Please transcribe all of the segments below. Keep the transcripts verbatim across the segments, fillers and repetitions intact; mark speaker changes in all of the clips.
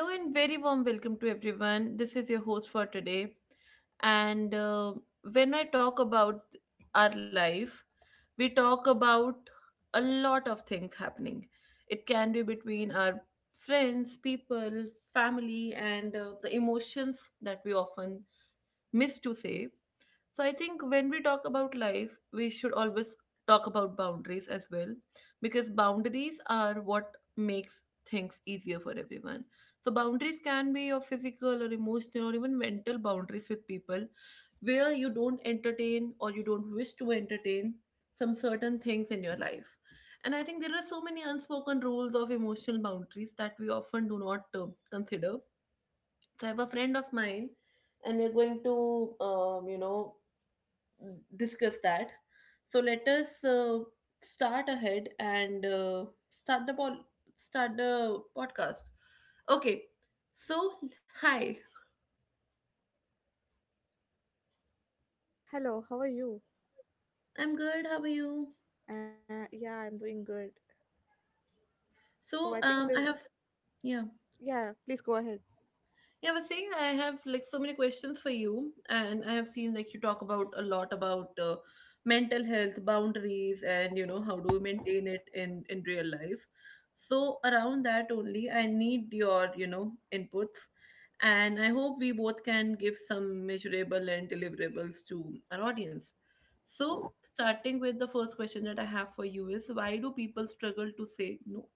Speaker 1: Hello and very warm welcome to everyone. This is your host for today. And uh, when I talk about our life, we talk about a lot of things happening. It can be between our friends, people, family, and uh, the emotions that we often miss to say. So I think when we talk about life, we should always talk about boundaries as well, because boundaries are what makes things easier for everyone. So boundaries can be your physical or emotional or even mental boundaries with people where you don't entertain or you don't wish to entertain some certain things in your life. And I think there are so many unspoken rules of emotional boundaries that we often do not uh, consider. So I have a friend of mine and we're going to um, you know discuss that. So let us uh, start ahead and uh, start the pod- start the podcast. Okay. So hi,
Speaker 2: Hello, how are you?
Speaker 1: I'm good. How are you?
Speaker 2: Uh, yeah, I'm doing good.
Speaker 1: So
Speaker 2: So
Speaker 1: um,
Speaker 2: I
Speaker 1: I
Speaker 2: think
Speaker 1: have
Speaker 2: that
Speaker 1: yeah.
Speaker 2: yeah, please go ahead.
Speaker 1: Yeah, I was saying I have like so many questions for you, and I have seen like you talk about a lot about uh, mental health boundaries and you know how do we maintain it in in real life. So around that only, I need your you know inputs, and I hope we both can give some measurable and deliverables to our audience. So starting with the first question that I have for you is why do people struggle to say no?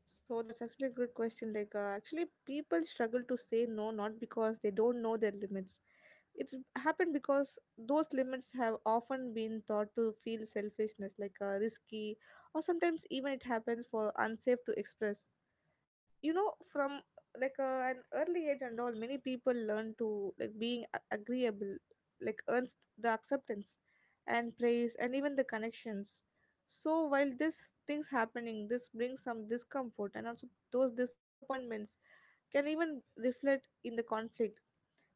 Speaker 2: So that's actually a good question. Like uh, actually, people struggle to say no not because they don't know their limits. It's happened because those limits have often been thought to feel selfishness, like uh, risky, or sometimes even it happens for unsafe to express. You know from like uh, an early age and all, many people learn to like being a- agreeable like earns the acceptance and praise and even the connections. So while this things happening, this brings some discomfort, and also those disappointments can even reflect in the conflict.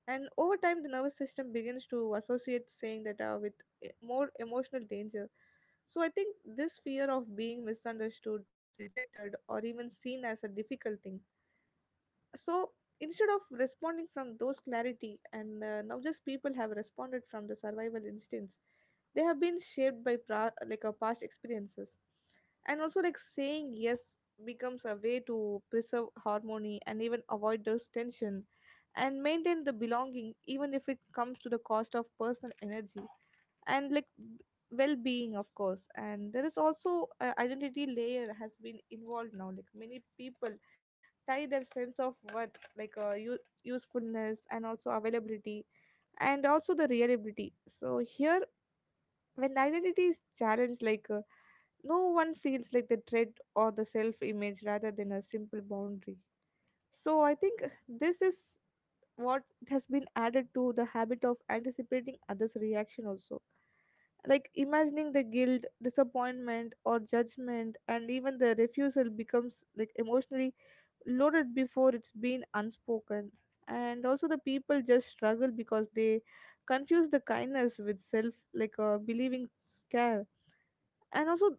Speaker 2: And over time the nervous system begins to associate saying that uh, with e- more emotional danger. So I think this fear of being misunderstood, rejected, or even seen as a difficult thing. So instead of responding from those clarity, and uh, now just people have responded from the survival instincts. They have been shaped by pra- like our past experiences. And also, like saying yes becomes a way to preserve harmony and even avoid those tension and maintain the belonging, even if it comes to the cost of personal energy and like b- well-being, of course. And there is also uh, identity layer has been involved now. Like many people tie their sense of worth like uh, u- usefulness and also availability and also the reliability. So here, when identity is challenged, like uh, no one feels like the threat or the self-image rather than a simple boundary. So I think uh, this is what has been added to the habit of anticipating others reaction also, like imagining the guilt, disappointment, or judgment, and even the refusal becomes like emotionally loaded before it's been unspoken. And also, the people just struggle because they confuse the kindness with self, like uh, believing scare. And also,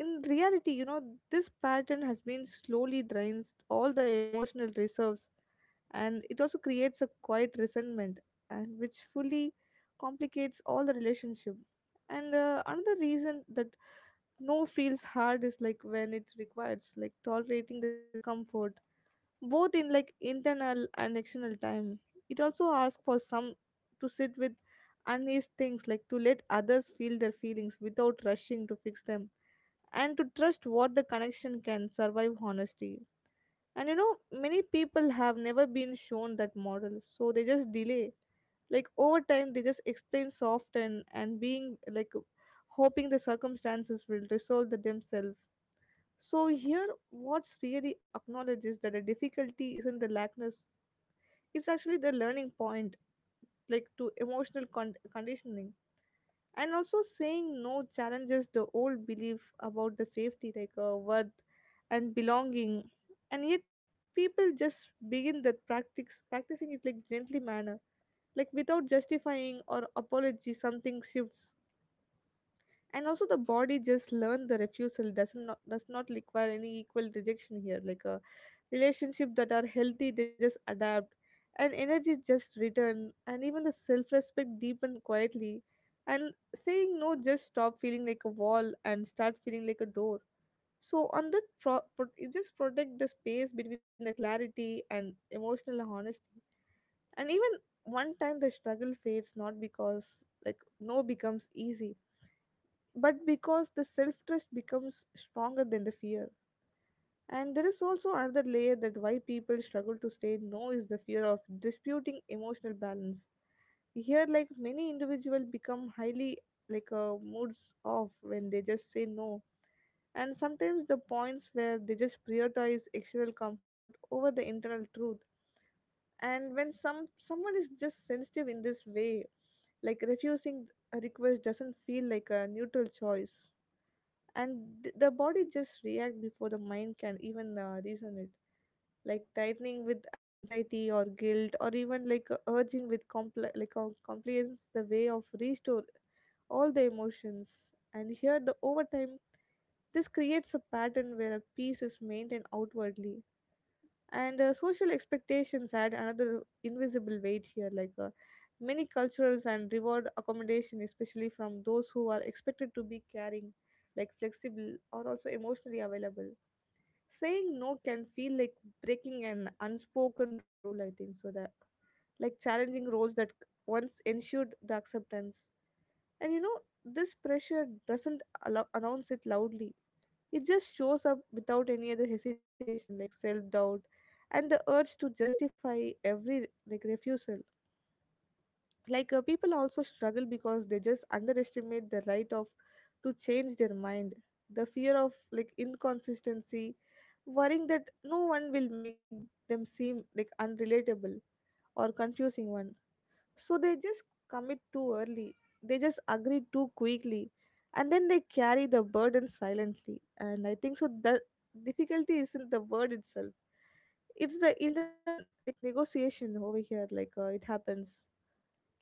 Speaker 2: in reality, you know, this pattern has been slowly drains all the emotional reserves, and it also creates a quiet resentment and which fully complicates all the relationship. And uh, another reason that no feels hard is like when it requires like tolerating the discomfort both in like internal and external time. It also asks for some to sit with uneasy things, like to let others feel their feelings without rushing to fix them and to trust what the connection can survive honesty. And you know, many people have never been shown that model, so they just delay. Like over time, they just explain soft and and being like hoping the circumstances will resolve the themselves. So here, what's really acknowledges that the difficulty isn't the lackness; it's actually the learning point, like to emotional con- conditioning. And also saying no challenges the old belief about the safety, like uh, worth and belonging. And yet people just begin the practice practicing it like gently manner. Like without justifying or apology, something shifts, and also the body just learned the refusal doesn't not, does not require any equal rejection here. Like a relationship that are healthy, they just adapt, and energy just return, and even the self-respect deepen quietly. And saying no just stop feeling like a wall and start feeling like a door. So on that pro, pro- it just protect the space between the clarity and emotional honesty. And even one time the struggle fades, not because like no becomes easy, but because the self trust becomes stronger than the fear. And there is also another layer that why people struggle to say no is the fear of disputing emotional balance. Here, like many individuals become highly like uh, moods off when they just say no, and sometimes the points where they just prioritize external comfort over the internal truth. And when some someone is just sensitive in this way, like refusing a request doesn't feel like a neutral choice, and th- the body just react before the mind can even uh, reason it, like tightening with anxiety or guilt or even like uh, urging with compl- like uh, compliance the way of restore all the emotions. And here the overtime this creates a pattern where a peace is maintained outwardly. And uh, social expectations add another invisible weight here. Like uh, many cultures and reward accommodation, especially from those who are expected to be caring, like flexible or also emotionally available. Saying no can feel like breaking an unspoken rule, I think so that like challenging roles that once ensured the acceptance. And you know, this pressure doesn't allow, announce it loudly. It just shows up without any other hesitation, like self doubt and the urge to justify every like refusal. Like uh, people also struggle because they just underestimate the right of to change their mind. The fear of like inconsistency, worrying that no one will make them seem like unrelatable or confusing one, so they just commit too early, they just agree too quickly, and then they carry the burden silently. And I think so the difficulty isn't the word itself, it's the internal like negotiation over here like uh, it happens.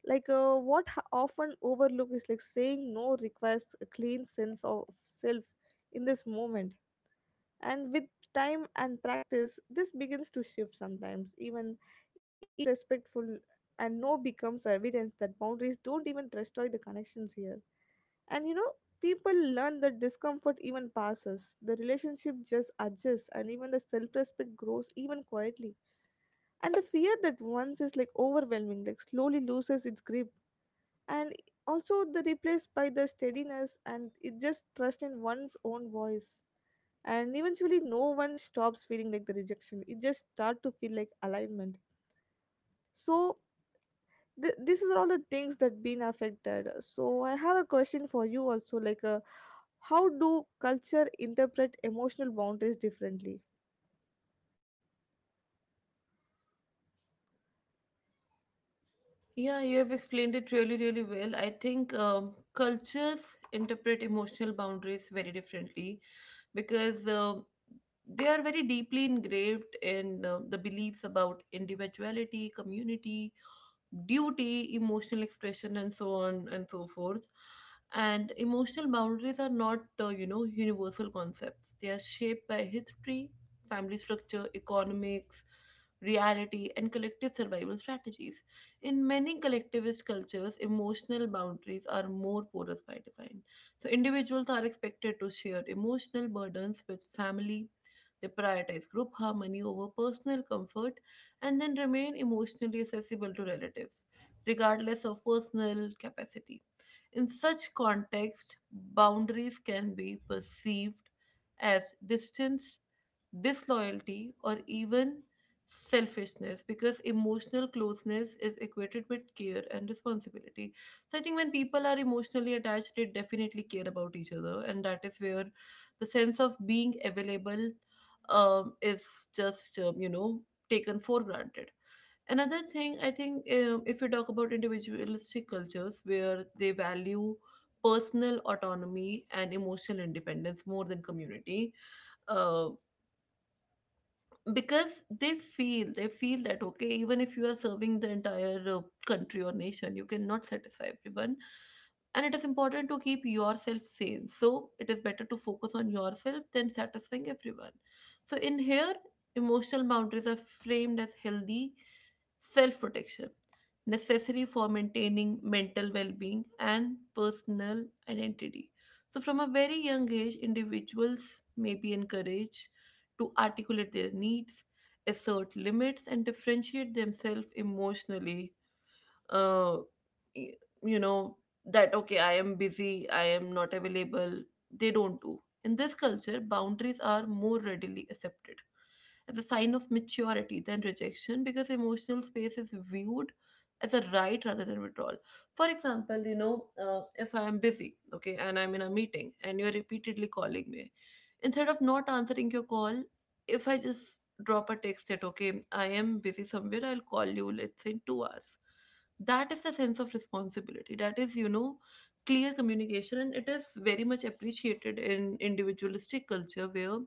Speaker 2: like uh, What h- often overlook is like saying no requires a clean sense of self in this moment. And with time and practice this begins to shift, sometimes even each respectful, and no becomes evidence that boundaries don't even destroy the connections here. And you know, people learn that discomfort even passes, the relationship just adjusts, and even the self-respect grows even quietly. And the fear that once is like overwhelming like slowly loses its grip, and also the replaced by the steadiness, and it just trust in one's own voice. And eventually no one stops feeling like the rejection, it just start to feel like alignment. So th- these are all the things that been affected. So I have a question for you also, like uh, how do culture interpret emotional boundaries differently?
Speaker 1: Yeah, you have explained it really, really well. I think um, cultures interpret emotional boundaries very differently because um they are very deeply engraved in um the beliefs about individuality, community, duty, emotional expression, and so on and so forth. And emotional boundaries are not, uh, you know, universal concepts. They are shaped by history, family structure, economics, reality, and collective survival strategies. In many collectivist cultures, emotional boundaries are more porous by design. So, individuals are expected to share emotional burdens with family. They prioritize group harmony over personal comfort and then remain emotionally accessible to relatives, regardless of personal capacity. In such context, boundaries can be perceived as distance, disloyalty, or even selfishness because emotional closeness is equated with care and responsibility. So I think when people are emotionally attached, they definitely care about each other, and that is where the sense of being available um, is just um, you know taken for granted. Another thing I think, um, if we talk about individualistic cultures where they value personal autonomy and emotional independence more than community, uh, because they feel they feel that okay, even if you are serving the entire uh, country or nation, you cannot satisfy everyone, and it is important to keep yourself sane, so it is better to focus on yourself than satisfying everyone. So in here, emotional boundaries are framed as healthy self protection, necessary for maintaining mental well being and personal identity. So from a very young age, individuals may be encouraged to articulate their needs, assert limits, and differentiate themselves emotionally. uh, y- you know that okay, I am busy, I am not available. They don't do in this culture. Boundaries are more readily accepted as a sign of maturity than rejection, because emotional space is viewed as a right rather than withdrawal. For example, you know, uh, if I am busy, okay, and I'm in a meeting and you're repeatedly calling me, instead of not answering your call, if I just drop a text that okay, I am busy somewhere, I'll call you let's say in two hours. That is the sense of responsibility, that is you know clear communication, and it is very much appreciated in individualistic culture where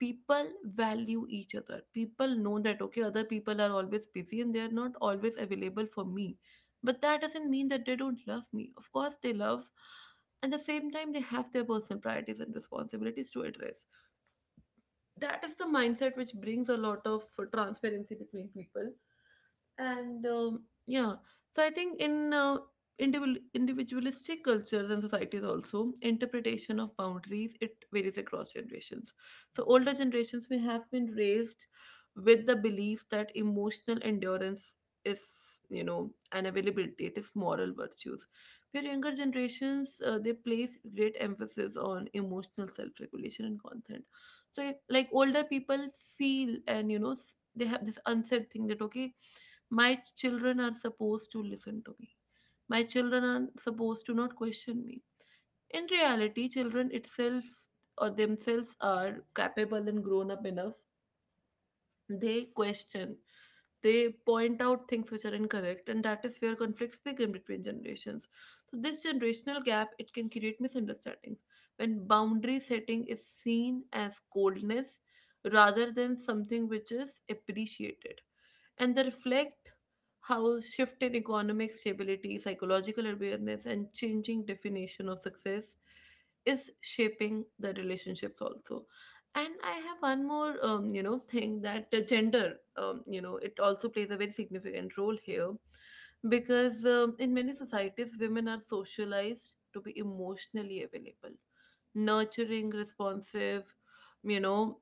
Speaker 1: people value each other. People know that okay, other people are always busy and they are not always available for me, but that doesn't mean that they don't love me. Of course they love. At the same time, they have their personal priorities and responsibilities to address. That is the mindset which brings a lot of transparency between people. And um, yeah, so I think in uh, individual individualistic cultures and societies also, interpretation of boundaries, it varies across generations. So older generations may have been raised with the belief that emotional endurance is you know an availability, it is moral virtues, where younger generations uh, they place great emphasis on emotional self-regulation and consent. So like older people feel and you know s- they have this unsaid thing that okay, my children are supposed to listen to me, my children are supposed to not question me. In reality, children itself or themselves are capable and grown up enough. They question, they point out things which are incorrect, and that is where conflicts begin between generations. So this generational gap, it can create misunderstandings when boundary setting is seen as coldness rather than something which is appreciated, and they reflect how shift in economic stability, psychological awareness, and changing definition of success is shaping the relationships also. And I have one more um, you know thing that uh, gender, um, you know it also plays a very significant role here, because um, in many societies, women are socialized to be emotionally available, nurturing, responsive, you know,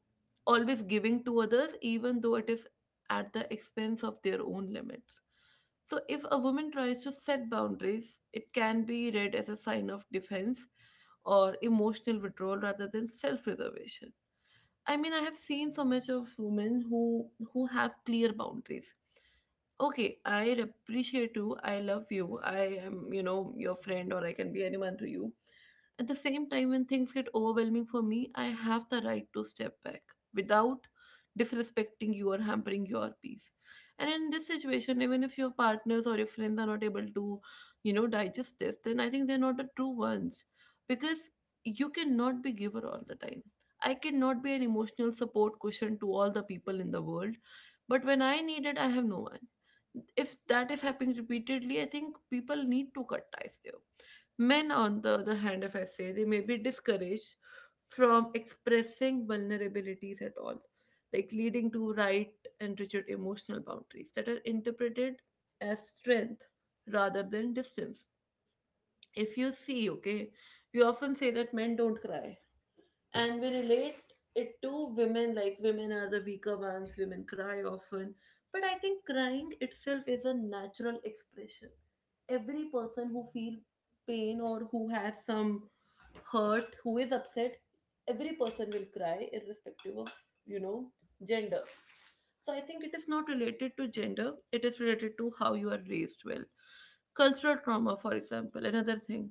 Speaker 1: always giving to others, even though it is at the expense of their own limits. So if a woman tries to set boundaries, it can be read as a sign of defense or emotional withdrawal rather than self preservation. I mean, I have seen so much of women who who have clear boundaries. Okay, I appreciate you, I love you, I am you know your friend, or I can be anyone to you. At the same time, when things get overwhelming for me, I have the right to step back without disrespecting you or hampering your peace. And in this situation, even if your partners or your friends are not able to you know digest this, then I think they're not the true ones. Because you cannot be giver all the time. I cannot be an emotional support cushion to all the people in the world, but when I need it, I have no one. If that is happening repeatedly, I think people need to cut ties there. Men, on the other hand, if I say, they may be discouraged from expressing vulnerabilities at all, like leading to right and rigid emotional boundaries that are interpreted as strength rather than distance. If you see, okay, we often say that men don't cry, and we relate it to women, like women are the weaker ones, women cry often. But I think crying itself is a natural expression. Every person who feels pain, or who has some hurt, who is upset, every person will cry irrespective of you know gender. So I think it is not related to gender, it is related to how you are raised well. Cultural trauma, for example, another thing,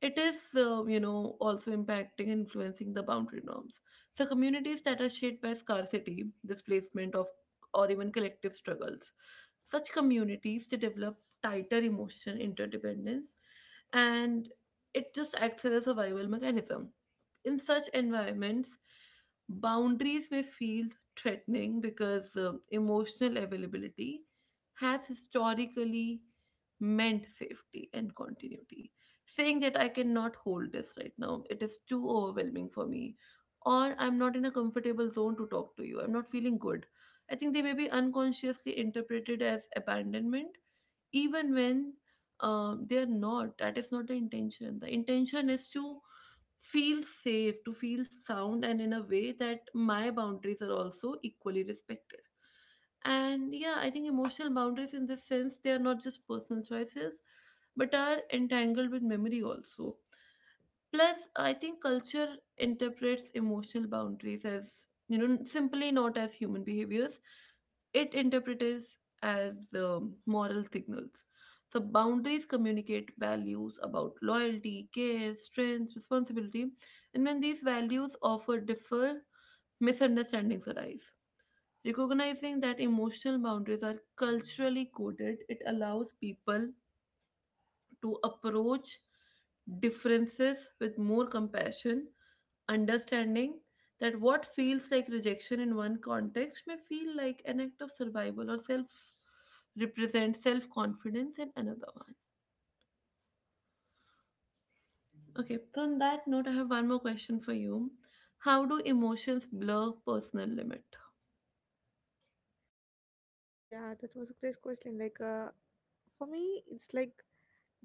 Speaker 1: it is, um, you know, also impacting and influencing the boundary norms. So communities that are shaped by scarcity, displacement of, or even collective struggles, such communities to develop tighter emotional interdependence, and it just acts as a survival mechanism. In such environments, boundaries may feel threatening because um, emotional availability has historically meant safety and continuity. Saying that I cannot hold this right now, it is too overwhelming for me, or I'm not in a comfortable zone to talk to you, I'm not feeling good, I think they may be unconsciously interpreted as abandonment, even when um, they are not. That is not the intention. The intention is to feel safe, to feel sound, and in a way that my boundaries are also equally respected. And yeah, I think emotional boundaries in this sense, they are not just personal choices, but are entangled with memory also. Plus, I think culture interprets emotional boundaries as, you know, simply not as human behaviors. It interprets as um, moral signals. So, boundaries communicate values about loyalty, care, strength, responsibility. And when these values offer differ, misunderstandings arise. Recognizing that emotional boundaries are culturally coded, it allows people to approach differences with more compassion, understanding that what feels like rejection in one context may feel like an act of survival or self represent self confidence in another one. Okay, so on that note, I have one more question for you. How do emotions blur personal limits?
Speaker 2: Yeah, that was a great question. Like, uh, for me, it's like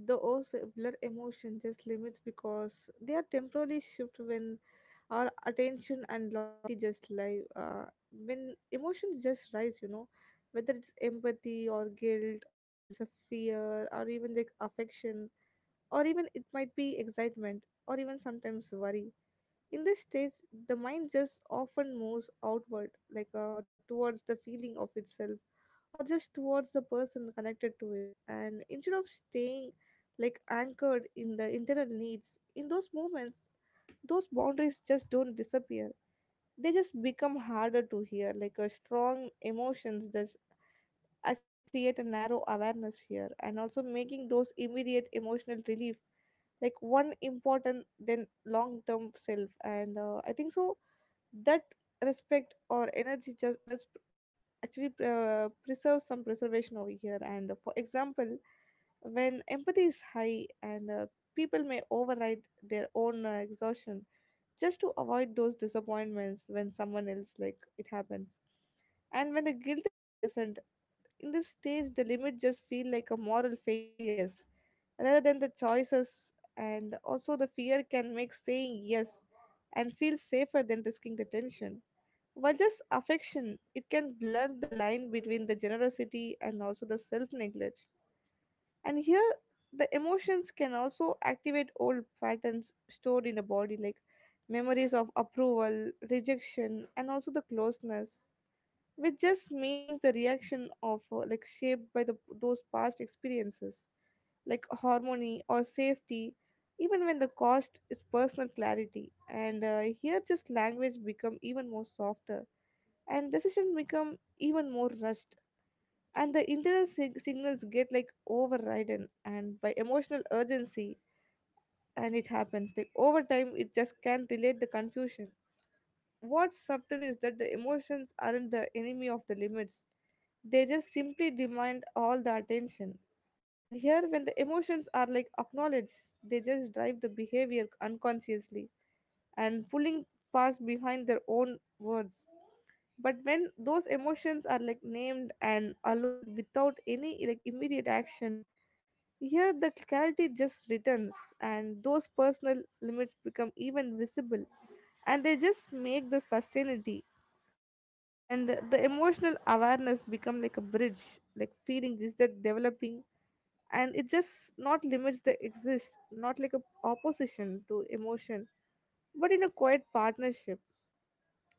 Speaker 2: the ocellular emotion just limits because they are temporarily shift when our attention and loyalty just lie. Uh, when emotions just rise, you know, whether it's empathy or guilt or else a fear or even like affection or even it might be excitement or even sometimes worry. In this stage, the mind just often moves outward, like uh, towards the feeling of itself or just towards the person connected to it. And instead of staying like anchored in the internal needs, in those moments, those boundaries just don't disappear. They just become harder to hear. Like a strong emotions just actually create a narrow awareness here and also making those immediate emotional relief like one important then long term self. And uh, I think so that respect or energy just that's actually uh, preserves some preservation over here. And for example, when empathy is high, and uh, people may override their own uh, exhaustion just to avoid those disappointments when someone else like it happens. And when the guilt is present, in this stage the limit just feel like a moral failures rather than the choices. And also the fear can make saying yes and feel safer than risking the tension, while just affection, it can blur the line between the generosity and also the self neglect. And here, the emotions can also activate old patterns stored in the body, like memories of approval, rejection, and also the closeness, which just means the reaction of uh, like shaped by the those past experiences, like harmony or safety, even when the cost is personal clarity. And uh, Here, just language become even more softer and decisions become even more rushed and the internal sig- signals get like overridden and by emotional urgency, and it happens like over time it just can't relate the confusion. What's subtle is that the emotions aren't the enemy of the limits, they just simply demand all the attention. And here when the emotions are like acknowledged, they just drive the behavior unconsciously and pulling past behind their own words. But when those emotions are like named and allowed without any like immediate action, here the clarity just returns, and those personal limits become even visible, and they just make the sustainability. And the the emotional awareness become like a bridge, like feeling is that developing, and it just not limits the exist, not like a opposition to emotion, but in a quiet partnership.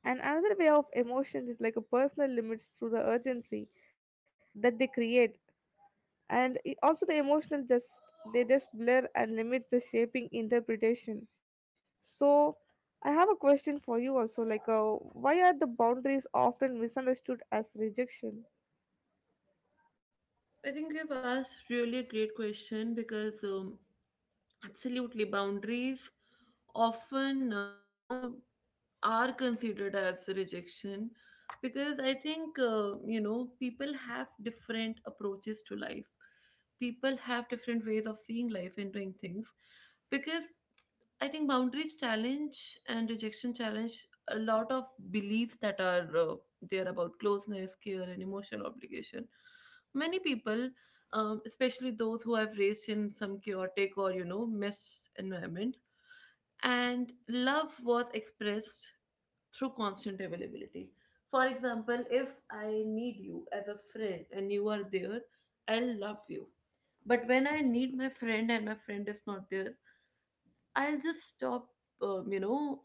Speaker 2: And another way of emotion is like a personal limits through the urgency that they create. And i- also the emotional just they just blur and limits the shaping interpretation. So I have a question for you also, like uh, why are the boundaries often misunderstood as rejection?
Speaker 1: I think you've asked really a great question, because um, absolutely boundaries often, uh, you know, are considered as rejection, because I think, uh, you know, people have different approaches to life. People have different ways of seeing life and doing things, because I think boundaries challenge and rejection challenge a lot of beliefs that are uh, there about closeness, care, and emotional obligation. Many people, um, especially those who have raised in some chaotic or you know mess environment, and love was expressed through constant availability. For example, if I need you as a friend and you are there, I'll love you. But when I need my friend and my friend is not there, I'll just stop, um, you know,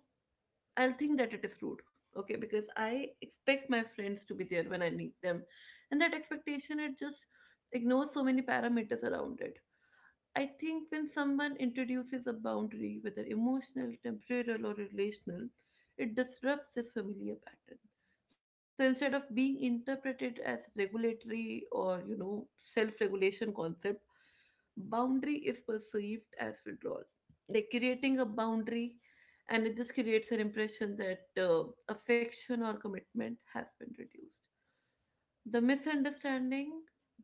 Speaker 1: I'll think that it is rude, okay? Because I expect my friends to be there when I need them, and that expectation it just ignores so many parameters around it. I think when someone introduces a boundary, whether emotional, temporal, or relational, it disrupts this familiar pattern. So instead of being interpreted as regulatory or, you know, self regulation concept, boundary is perceived as withdrawal. Like creating a boundary, and it just creates an impression that uh, affection or commitment has been reduced. The misunderstanding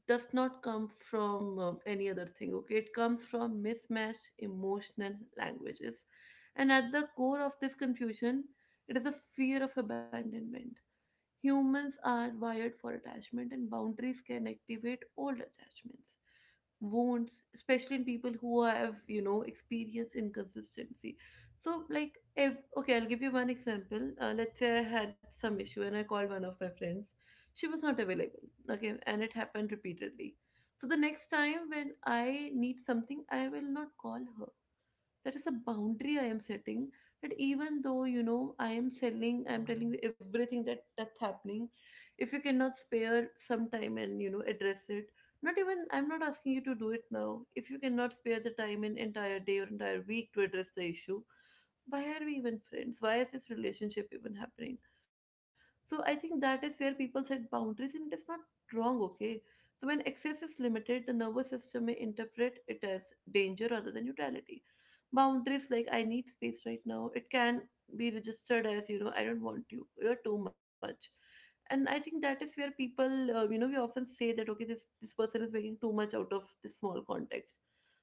Speaker 1: does not come from um, any other thing, okay, it comes from mismatched emotional languages. And at the core of this confusion, it is a fear of abandonment. Humans are wired for attachment, and boundaries can activate old attachments, wounds, especially in people who have, you know, experienced inconsistency. So, like, if okay, I'll give you one example. Uh, let's say I had some issue and I called one of my friends. She was not available, okay, and it happened repeatedly. So, the next time when I need something, I will not call her. That is a boundary I am setting. That even though you know I am selling I'm telling you everything that that's happening, if you cannot spare some time and you know address it, not even I'm not asking you to do it now, if you cannot spare the time in entire day or entire week to address the issue, why are we even friends? Why is this relationship even happening? So I think that is where people set boundaries and it is not wrong, okay. So when access is limited, the nervous system may interpret it as danger rather than neutrality. Boundaries like I need space right now, it can be registered as you know I don't want you, you're too much. And I think that is where people uh, you know, we often say that okay this this person is making too much out of this small context.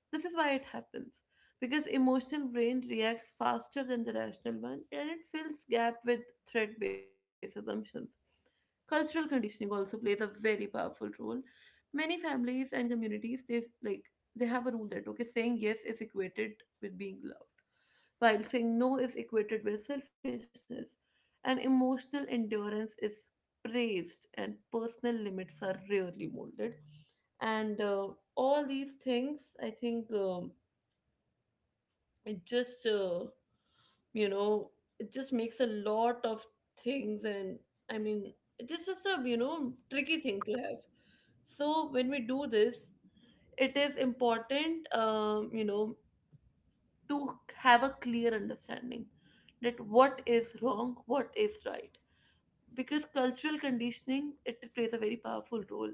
Speaker 1: This is why it happens, because emotional brain reacts faster than the rational one and it fills gap with threat based assumptions. Cultural conditioning also plays a very powerful role. Many families and communities they like they have a rule that okay, saying yes is equated with being loved, while saying no is equated with selfishness. And emotional endurance is praised, and personal limits are rarely molded. And uh, all these things, I think, um, it just uh, you know it just makes a lot of things, and I mean it's just a you know tricky thing to have. So when we do this, it is important, um, you know, to have a clear understanding that what is wrong, what is right, because cultural conditioning it plays a very powerful role.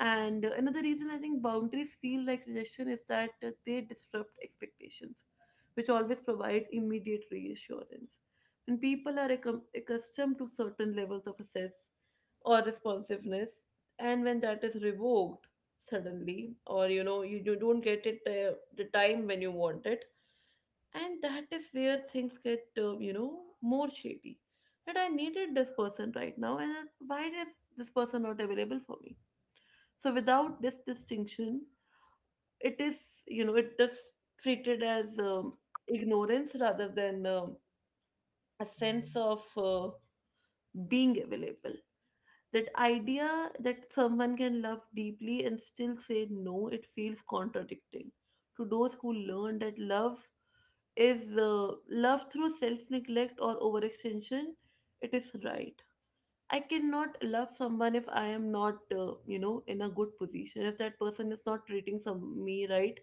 Speaker 1: And uh, another reason I think boundaries feel like rejection is that uh, they disrupt expectations, which always provide immediate reassurance. When people are accom- accustomed to certain levels of access or responsiveness, and when that is revoked suddenly, or you know, you, you don't get it uh, the time when you want it, and that is where things get uh, you know, more shady. That I needed this person right now and uh, why is this person not available for me? So without this distinction, it is, you know, it is treated as um, ignorance rather than um, a sense of uh, being available. That idea that someone can love deeply and still say no, it feels contradicting to those who learn that love is uh, love through self neglect or overextension. It is right. I cannot love someone if I am not, uh, you know, in a good position. If that person is not treating some me right,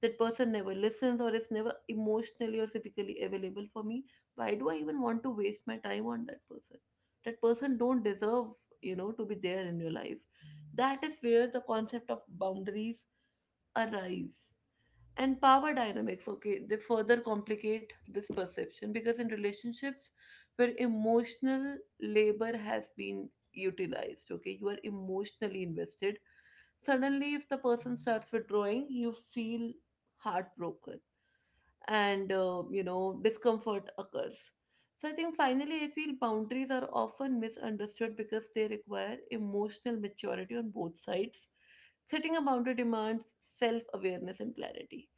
Speaker 1: that person never listens or is never emotionally or physically available for me. Why do I even want to waste my time on that person? That person don't deserve, you know, to be there in your life. That is where the concept of boundaries arise. And power dynamics, okay, they further complicate this perception, because in relationships where emotional labor has been utilized, okay, you are emotionally invested, suddenly if the person starts withdrawing you feel heartbroken, and uh, you know discomfort occurs. So I think finally I feel boundaries are often misunderstood because they require emotional maturity on both sides. Setting a boundary demands self-awareness and clarity.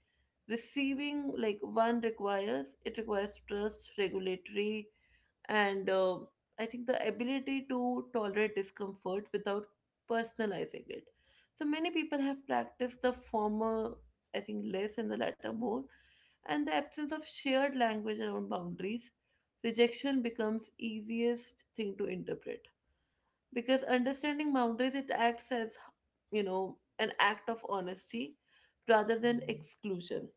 Speaker 1: Receiving like one requires it requires trust regulatory, and uh, I think the ability to tolerate discomfort without personalizing it. So many people have practiced the former I think less and the latter more. And the absence of shared language around boundaries, rejection becomes easiest thing to interpret, because understanding boundaries it acts as you know an act of honesty rather than exclusion.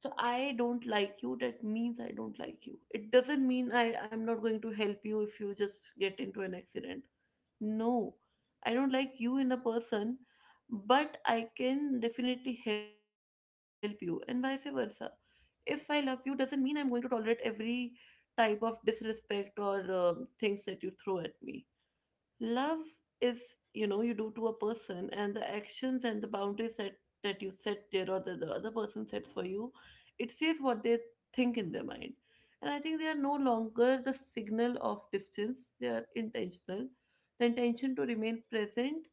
Speaker 1: So I don't like you, that means I don't like you, it doesn't mean i i'm not going to help you if you just get into an accident. No, I don't like you in a person, but I can definitely help you, and vice versa. If I love you, doesn't mean I'm going to tolerate every type of disrespect or um things that you throw at me. Love is you know you do to a person, and the actions and the boundaries that that you set there, or that the other person sets for you, it says what they think in their mind. And I think they are no longer the signal of distance, they are intentional. The intention to remain present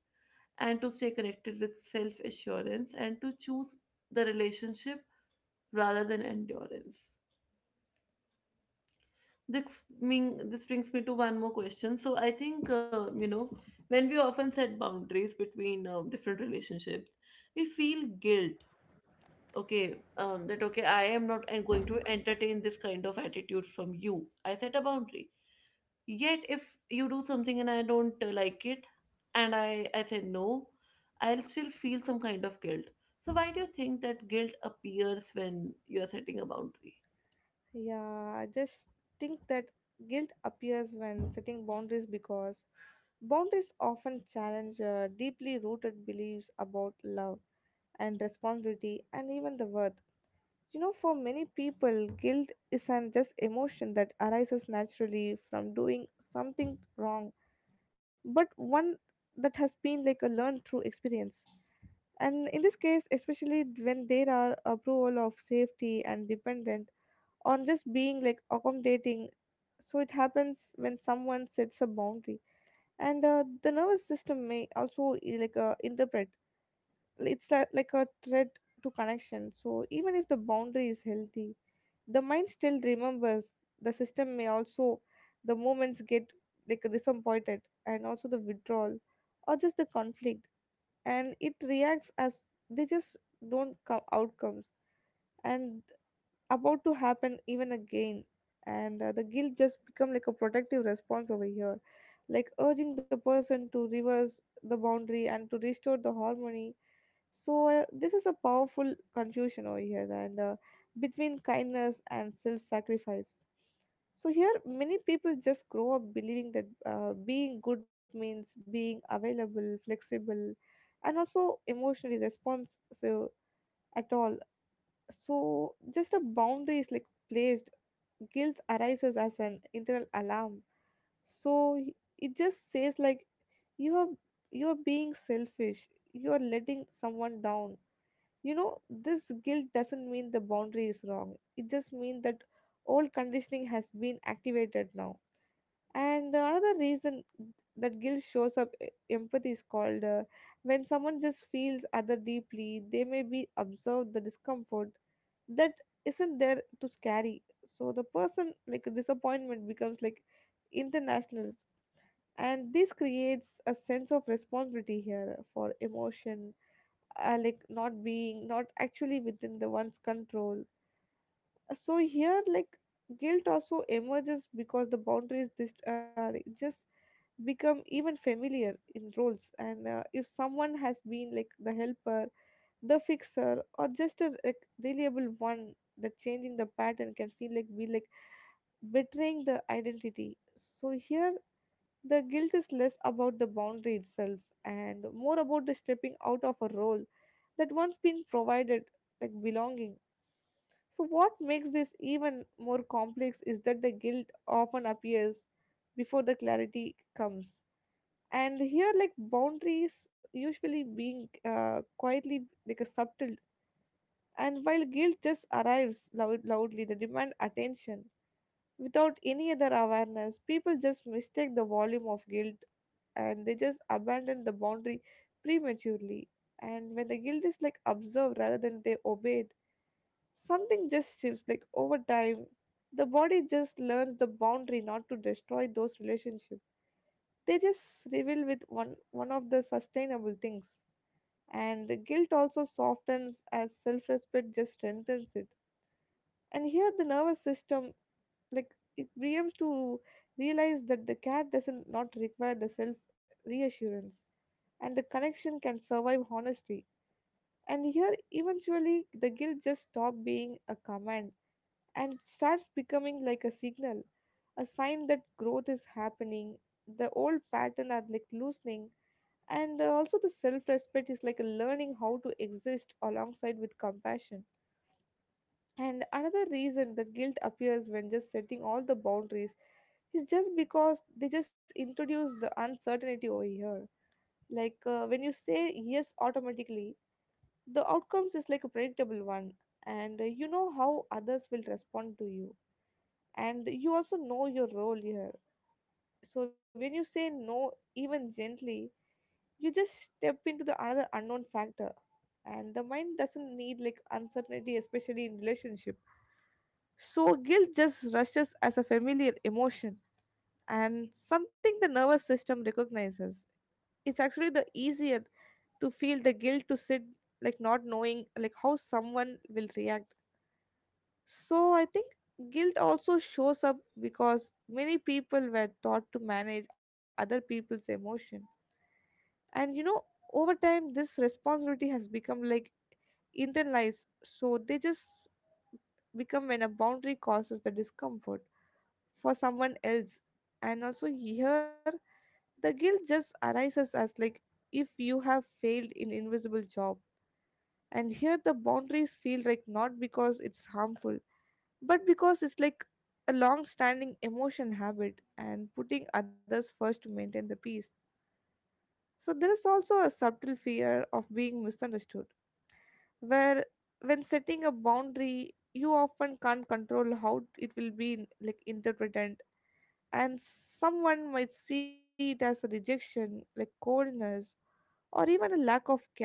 Speaker 1: and to stay connected with self assurance, and to choose the relationship rather than endurance. This mean this brings me to one more question. So I think uh, you know, when we often set boundaries between um, different relationships, we feel guilt, okay, um, that okay I am not en- going to entertain this kind of attitude from you, I set a boundary, yet if you do something and I don't uh, like it, and i i say no, I'll still feel some kind of guilt. So why do you think that guilt appears when you are setting a boundary?
Speaker 2: Yeah, I just think that guilt appears when setting boundaries because boundaries often challenge uh, deeply rooted beliefs about love and responsibility and even the worth. You know, for many people, guilt is an just emotion that arises naturally from doing something wrong, but one that has been like a learned through experience. And in this case, especially when there are approval of safety and dependent on just being like accommodating, so it happens when someone sets a boundary, and uh, the nervous system may also eh, like uh, interpret it's like, like a threat to connection. So even if the boundary is healthy, the mind still remembers, the system may also, the moments get like disappointed, and also the withdrawal or just the conflict, and it reacts as they just don't come outcomes and about to happen even again. And uh, the guilt just become like a protective response over here, like urging the person to reverse the boundary and to restore the harmony. So uh, this is a powerful confusion over here, and uh, between kindness and self-sacrifice. So here, many people just grow up believing that uh, being good means being available, flexible, and also emotionally responsive at all. So just a boundary is like placed. Guilt arises as an internal alarm. So y- it just says like you are, you are being selfish. You are letting someone down. You know, this guilt doesn't mean the boundary is wrong. It just means that old conditioning has been activated now. And the another reason that guilt shows up, e- empathy is called. Uh, when someone just feels other deeply, they may be observed the discomfort that isn't there to carry. So the person like a disappointment becomes like international, and this creates a sense of responsibility here for emotion, uh, like not being not actually within the one's control. Uh, so here, like guilt also emerges because the boundaries dist- uh, like, just become even familiar in roles. And uh, if someone has been like the helper, the fixer, or just a like, reliable one, that changing the pattern can feel like be like betraying the identity. So here the guilt is less about the boundary itself and more about the stepping out of a role that once been provided, like belonging. So, what makes this even more complex is that the guilt often appears before the clarity comes. And here, like boundaries usually being uh, quietly, like a subtle, and while guilt just arrives loud, loudly, the demand attention without any other awareness. People just mistake the volume of guilt and they just abandon the boundary prematurely. And when the guilt is like observed rather than they obeyed, something just shifts like over time. The body just learns the boundary not to destroy those relationships. They just reveal with one one of the sustainable things. And guilt also softens as self respect just strengthens it. And here the nervous system like it begins to realize that the cat doesn't not require the self reassurance and the connection can survive honesty. And here eventually the guilt just stops being a command and starts becoming like a signal, a sign that growth is happening, the old pattern are like loosening, and uh, also the self respect is like a learning how to exist alongside with compassion. And another reason that guilt appears when just setting all the boundaries is just because they just introduce the uncertainty over here. Like uh, when you say yes automatically, the outcomes is like a predictable one, and uh, you know how others will respond to you, and you also know your role here. So when you say no, even gently, you just step into the another unknown factor, and the mind doesn't need like uncertainty, especially in relationship. So guilt just rushes as a familiar emotion and something the nervous system recognizes. It's actually the easier to feel the guilt to sit like not knowing like how someone will react. So I think guilt also shows up because many people were taught to manage other people's emotion. And you know, over time this responsibility has become like internalized, so they just become when a boundary causes the discomfort for someone else. And also here the guilt just arises as like if you have failed in invisible job, and here the boundaries feel like not because it's harmful but because it's like a long standing emotion habit and putting others first to maintain the peace. So there is also a subtle fear of being misunderstood, where when setting a boundary you often can't control how it will be like interpreted, and someone might see it as a rejection, like coldness, or even a lack of care,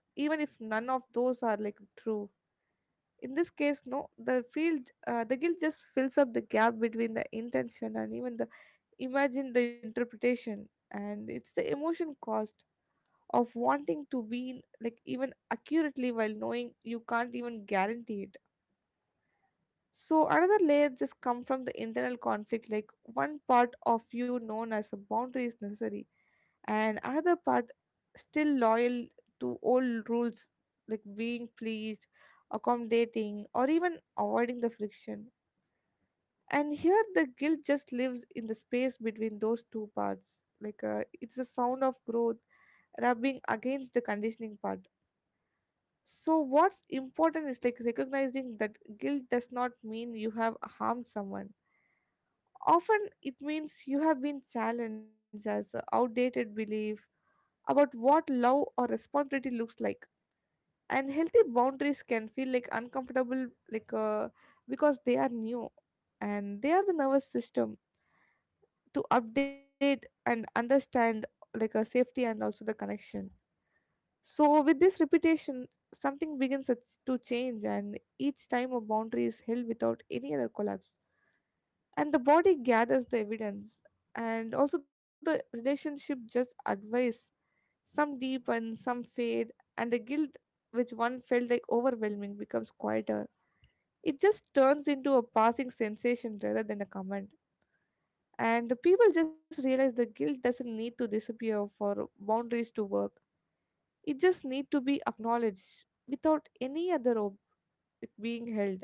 Speaker 2: even if none of those are like true. In this case, no, the field, uh, the guilt just fills up the gap between the intention and even the imagine the interpretation, and it's the emotion cost of wanting to be like even accurately while knowing you can't even guarantee it. So another layer just come from the internal conflict, like one part of you known as a boundary is necessary, and another part still loyal to old rules, like being pleased, accommodating, or even avoiding the friction. And here the guilt just lives in the space between those two parts, like uh, it's a sound of growth rubbing against the conditioning part. So what's important is like recognizing that guilt does not mean you have harmed someone. Often it means you have been challenged as a outdated belief about what love or responsibility looks like. And healthy boundaries can feel like uncomfortable, like uh, because they are new and they are the nervous system to update and understand like a safety and also the connection. So with this repetition something begins at- to change, and each time a boundary is held without any other collapse, and the body gathers the evidence, and also the relationship just advice, some deepen, some fade, and the guilt which one felt like overwhelming becomes quieter. It just turns into a passing sensation rather than a comment, and the people just realize the guilt doesn't need to disappear for boundaries to work, it just need to be acknowledged without any other ob- it being held.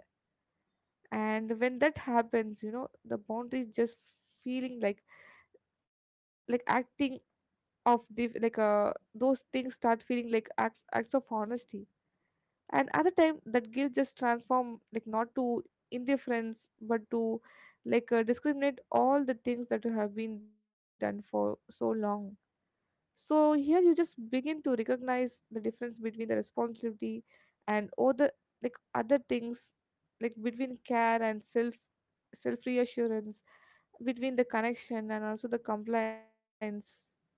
Speaker 2: And when that happens, you know, the boundaries just feeling like like acting of the like, uh, those things start feeling like acts acts of honesty. And at the time that guilt just transform like not to indifference but to like, uh, discriminate all the things that have been done for so long. So here you just begin to recognize the difference between the responsibility and other, like other things, like between care and self, self reassurance, between the connection and also the compliance.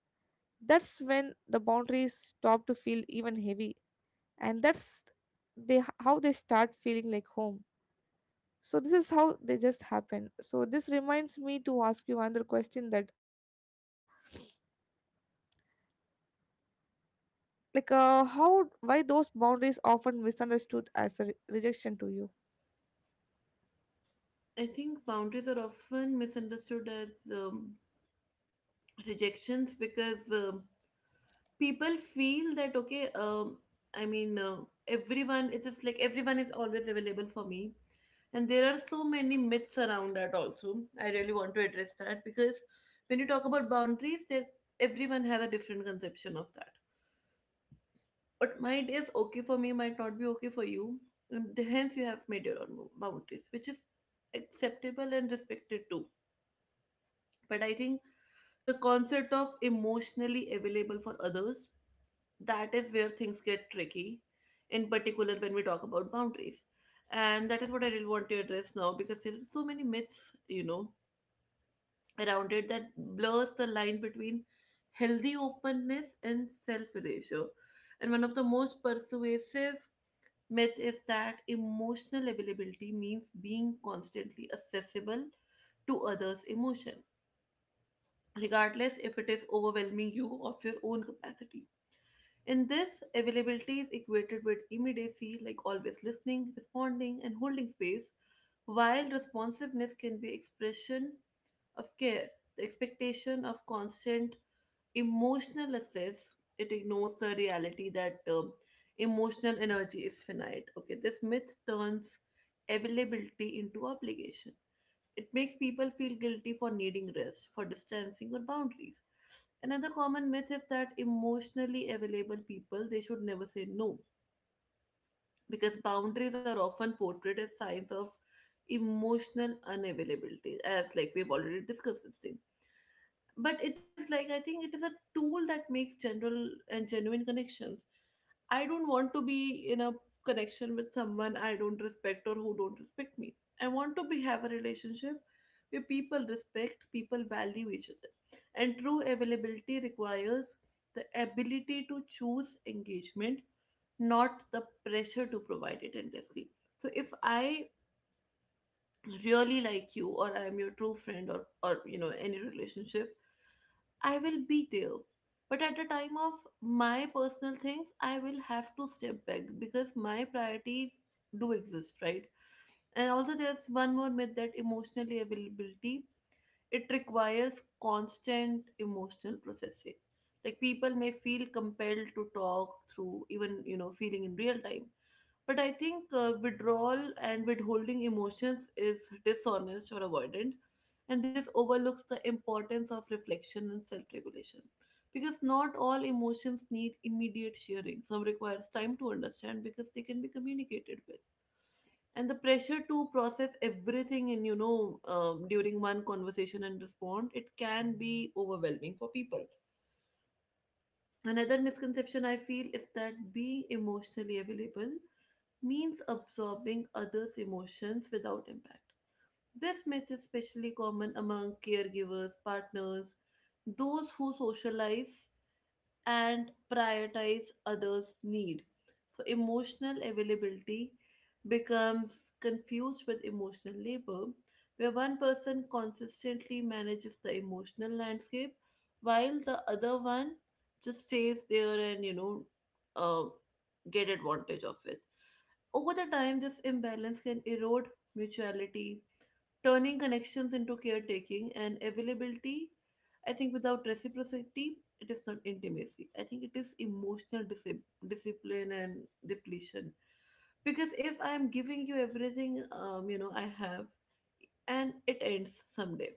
Speaker 2: That's when the boundaries stop to feel even heavy, and that's they how they start feeling like home. So this is how they just happen. So this reminds me to ask you another question, that like uh, how, why those boundaries often misunderstood as a re- rejection to you?
Speaker 1: I think boundaries are often misunderstood as um, rejections, because um people feel that okay, um, I mean, uh, everyone. It's just like everyone is always available for me, and there are so many myths around that. Also, I really want to address that, because when you talk about boundaries, there everyone has a different conception of that. What might is okay for me might not be okay for you, and hence you have made your own boundaries, which is acceptable and respected too. But I think the concept of emotionally available for others, that is where things get tricky, in particular when we talk about boundaries, and that is what I really want to address now, because there are so many myths you know around it, that blurs the line between healthy openness and self erasure. And one of the most persuasive myth is that emotional availability means being constantly accessible to others emotion, regardless if it is overwhelming you of your own capacity. In this, availability is equated with immediacy, like always listening, responding, and holding space. While responsiveness can be expression of care, the expectation of constant emotional assess, it ignores the reality that um, emotional energy is finite. Okay, this myth turns availability into obligation. It makes people feel guilty for needing rest, for distancing or boundaries. Another common myth is that emotionally available people they should never say no, because boundaries are often portrayed as signs of emotional unavailability, as like we've already discussed this thing. But it is like I think it is a tool that makes general and genuine connections. I don't want to be in a connection with someone I don't respect or who don't respect me. I want to be have a relationship where people respect, people value each other. And true availability requires the ability to choose engagement, not the pressure to provide it endlessly. So if I really like you or I am your true friend or or you know any relationship, I will be there, but at the time of my personal things I will have to step back because my priorities do exist, right? And also, there's one more myth that emotional availability, it requires constant emotional processing. Like, people may feel compelled to talk through even you know feeling in real time. But I think uh, withdrawal and withholding emotions is dishonest or avoidant, and this overlooks the importance of reflection and self-regulation, because not all emotions need immediate sharing. Some requires time to understand because they can be communicated with. And the pressure to process everything in you know um, during one conversation and respond, it can be overwhelming for people. Another misconception I feel is that being emotionally available means absorbing others' emotions without impact. This myth is especially common among caregivers, partners, those who socialize and prioritize others' need. So emotional availability becomes confused with emotional labor, where one person consistently manages the emotional landscape while the other one just stays there and you know uh, get advantage of it. Over the time, this imbalance can erode mutuality, turning connections into caretaking and availability. I think without reciprocity, it is not intimacy. I think it is emotional disip- discipline and depletion. Because if I'm giving you everything, um, you know, I have, and it ends someday.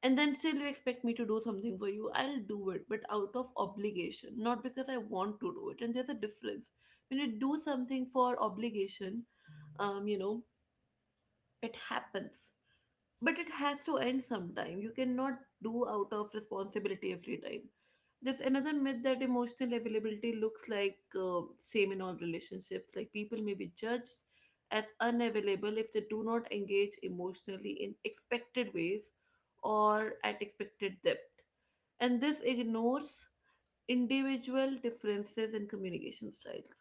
Speaker 1: And then still you expect me to do something for you, I'll do it, but out of obligation, not because I want to do it. And there's a difference. When you do something for obligation, um, you know, it happens, but it has to end sometime. You cannot do out of responsibility every time. There's another myth that emotional availability looks like uh, same in all relationships. Like, people may be judged as unavailable if they do not engage emotionally in expected ways or at expected depth, and this ignores individual differences in communication styles,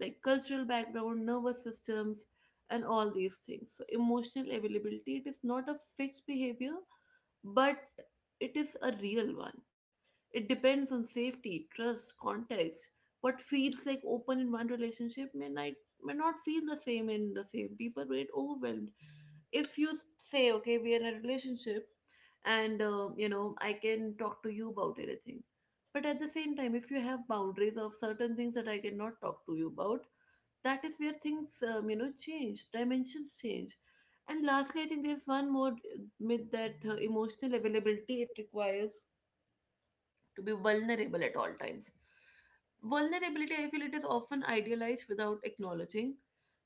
Speaker 1: like cultural background, nervous systems, and all these things. So emotional availability, it is not a fixed behavior, but it is a real one. It depends on safety, trust, context. What feels like open in one relationship may not, may not feel the same in the same. People get overwhelmed. If you say, okay, we are in a relationship, and, uh, you know, I can talk to you about anything. But at the same time, if you have boundaries of certain things that I cannot talk to you about, that is where things um, you know change dimensions change. And lastly, I think there's one more uh, myth that uh, emotional availability, it requires to be vulnerable at all times. Vulnerability, I feel, it is often idealized without acknowledging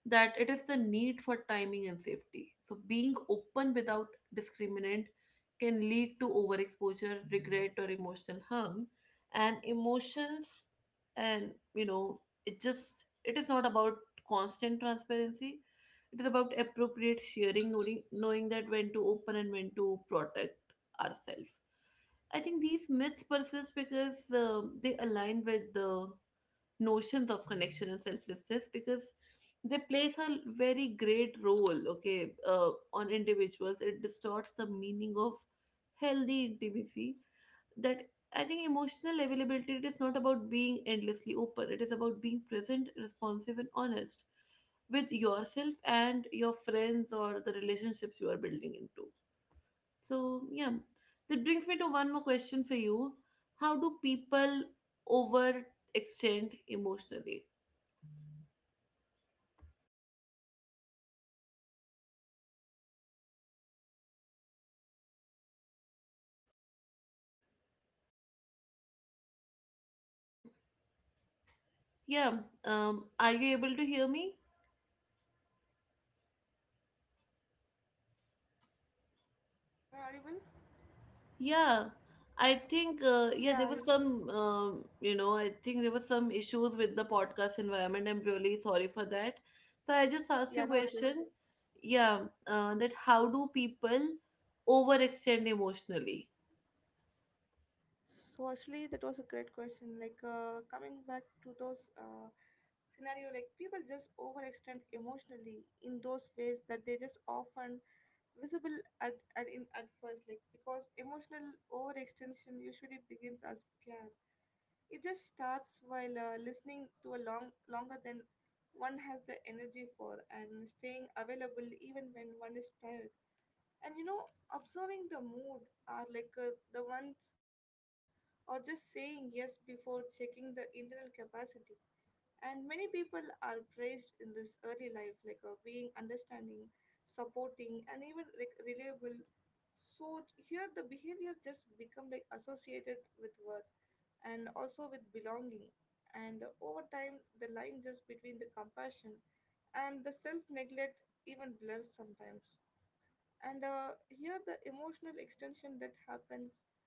Speaker 1: that it is the need for timing and safety. So being open without discriminant can lead to overexposure, regret, or emotional harm. And emotions, and you know, it just, it is not about constant transparency. It is about appropriate sharing, knowing, knowing that when to open and when to protect ourselves. I think these myths persist because um they align with the notions of connection and selflessness, because they plays a very great role, okay, uh, on individuals. It distorts the meaning of healthy intimacy. That I think emotional availability, it is not about being endlessly open. It is about being present, responsive, and honest with yourself and your friends or the relationships you are building into. So, yeah, that brings me to one more question for you. How do people overextend emotionally? Yeah, um, are you able to hear me?
Speaker 2: Yes, am I audible?
Speaker 1: Yeah, I think, uh, yeah,
Speaker 2: Yeah,
Speaker 1: there was some, um, you know, I think there was some issues with the podcast environment. I'm really sorry for that. So I just asked you a
Speaker 2: yeah, no
Speaker 1: question.
Speaker 2: issues.
Speaker 1: Yeah, uh, that how do people overextend emotionally?
Speaker 2: So actually, that was a great question. Like uh, coming back to those uh, scenario, like people just overextend emotionally in those ways that they just often visible at at, in, at first. Like because emotional overextension usually begins as care. It just starts while uh, listening to a long longer than one has the energy for and staying available even when one is tired, and you know, observing the mood are like uh, the ones, or just saying yes before checking the internal capacity. And many people are praised in this early life, like uh, being understanding, supporting, and even like reliable. So here the behavior just become like associated with worth and also with belonging, and over time the line just between the compassion and the self neglect even blurs sometimes. And uh, here the emotional extension that happens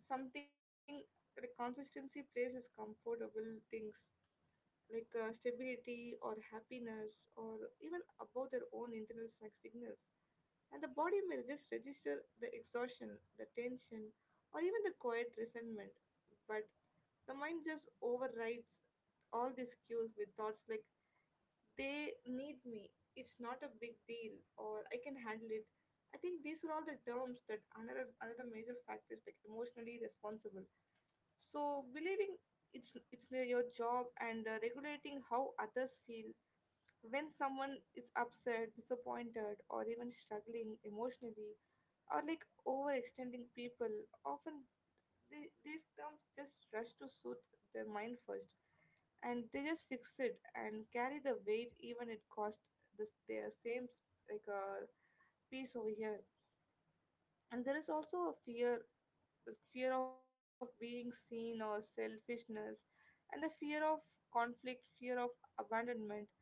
Speaker 2: when something the consistency places comfortable things, like uh, stability or happiness or even about their own internal psych signals, and the body may just register the exhaustion, the tension, or even the quiet resentment, but the mind just overrides all these cues with thoughts like they need me, it's not a big deal, or I can handle it. I think these are all the terms that another another major factor is like emotionally responsible. So believing it's it's your job, and uh, regulating how others feel when someone is upset, disappointed, or even struggling emotionally, or like overextending people. Often the, these terms just rush to suit their mind first, and they just fix it and carry the weight even it cost the their same s- like a piece over here. And there is also a fear fear of being seen or selfishness, and the fear of conflict, fear of abandonment,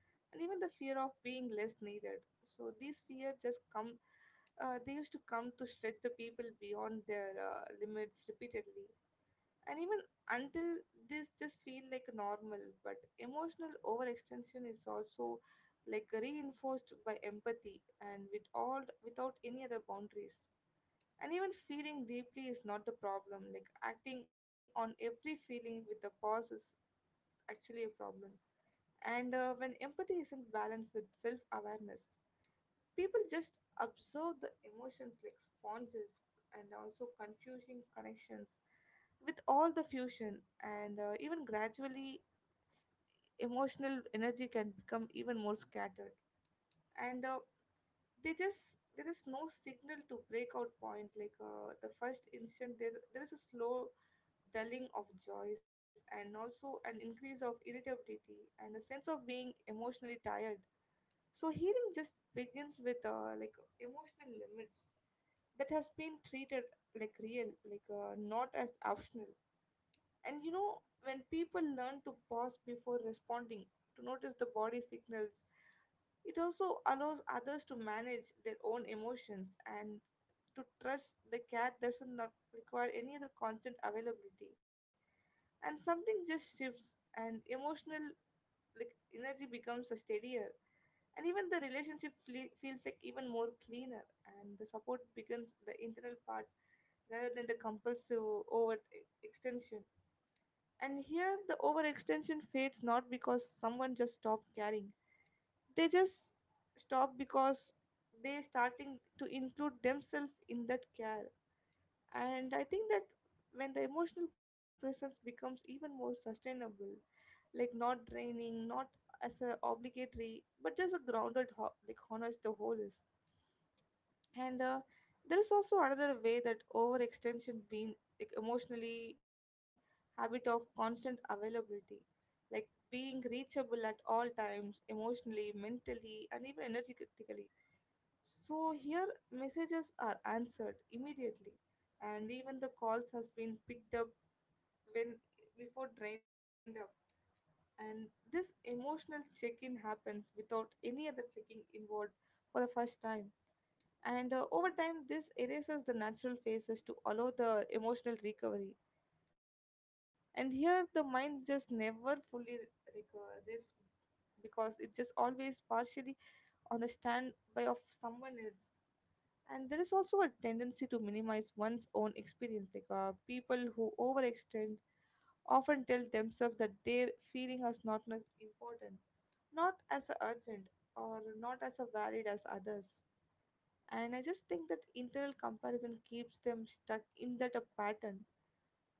Speaker 2: and even the fear of being less needed. So these fear just come. Uh, they used to come to stretch the people beyond their uh, limits repeatedly, and even until this just feel like normal. But emotional overextension is also like reinforced by empathy and with all without any other boundaries. And even feeling deeply is not the problem, like acting on every feeling with a pause is actually a problem. And uh, when empathy isn't balanced with self-awareness, people just observe the emotions like sponges, and also confusing connections with all the fusion and uh, even gradually emotional energy can become even more scattered. And uh, they just there is no signal to breakout point, like uh, the first instant there there is a slow dulling of joys, and also an increase of irritability and a sense of being emotionally tired. So healing just begins with uh, like emotional limits that has been treated like real, like uh, not as optional. And you know, when people learn to pause before responding, to notice the body signals, it also allows others to manage their own emotions and to trust the care doesn't not require any other constant availability. And something just shifts, and emotional like energy becomes a steadier, and even the relationship fle- feels like even more cleaner, and the support becomes the internal part rather than the compulsive over e-, extension. And here the overextension fades not because someone just stopped caring, they just stop because they starting to include themselves in that care. And I think that when the emotional presence becomes even more sustainable, like not draining, not as a obligatory, but just a grounded ho- like honest the whole is. And uh, there is also another way that overextension being like emotionally habit of constant availability, like being reachable at all times emotionally, mentally, and even energetically. So here messages are answered immediately, and even the calls has been picked up when before drained up. And this emotional check-in happens without any other checking involved for the first time. And uh, over time this erases the natural phases to allow the emotional recovery. And here the mind just never fully recovers because it just always partially on the standby of someone else. And there is also a tendency to minimize one's own experience. Like uh, people who overextend often tell themselves that their feeling is not as important, not as urgent, or not as varied as others. And I just think that internal comparison keeps them stuck in that a pattern.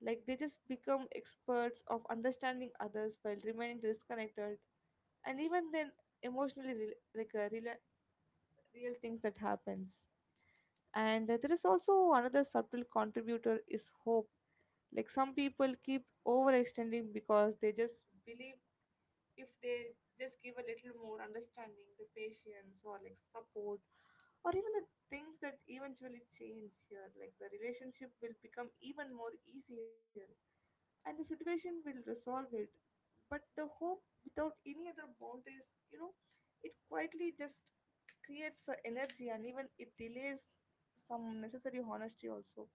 Speaker 2: Like they just become experts of understanding others while remaining disconnected, and even then emotionally, rel like uh, real, real things that happens. And uh, there is also another subtle contributor is hope. Like some people keep overextending because they just believe if they just give a little more understanding, the patience or like support, or even the things that eventually change here, like the relationship will become even more easier and the situation will resolve it. But the hope without any other boundaries, you know, it quietly just creates the energy, and even it delays some necessary honesty also.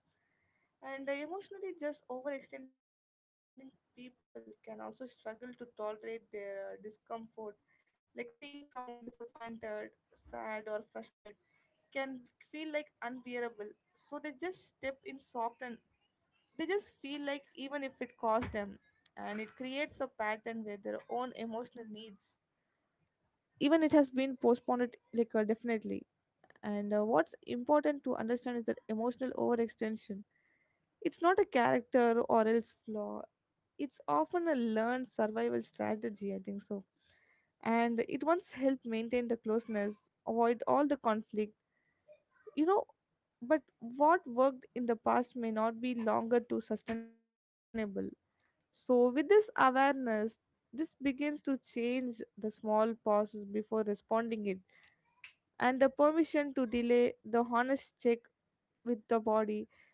Speaker 2: And uh, emotionally just overextending people can also struggle to tolerate their uh, discomfort, like seeing someone disappointed, sad, or frustrated can feel like unbearable. So they just step in soft, and they just feel like even if it costs them. And it creates a pattern where their own emotional needs even it has been postponed like uh, definitely. And uh, what's important to understand is that emotional overextension, it's not a character or else flaw. It's often a learned survival strategy, I think so. And it once helped maintain the closeness, avoid all the conflict, you know. But what worked in the past may not be longer to sustainable. So, with this awareness, this begins to change the small pauses before responding it, and the permission to delay the honest check with the body.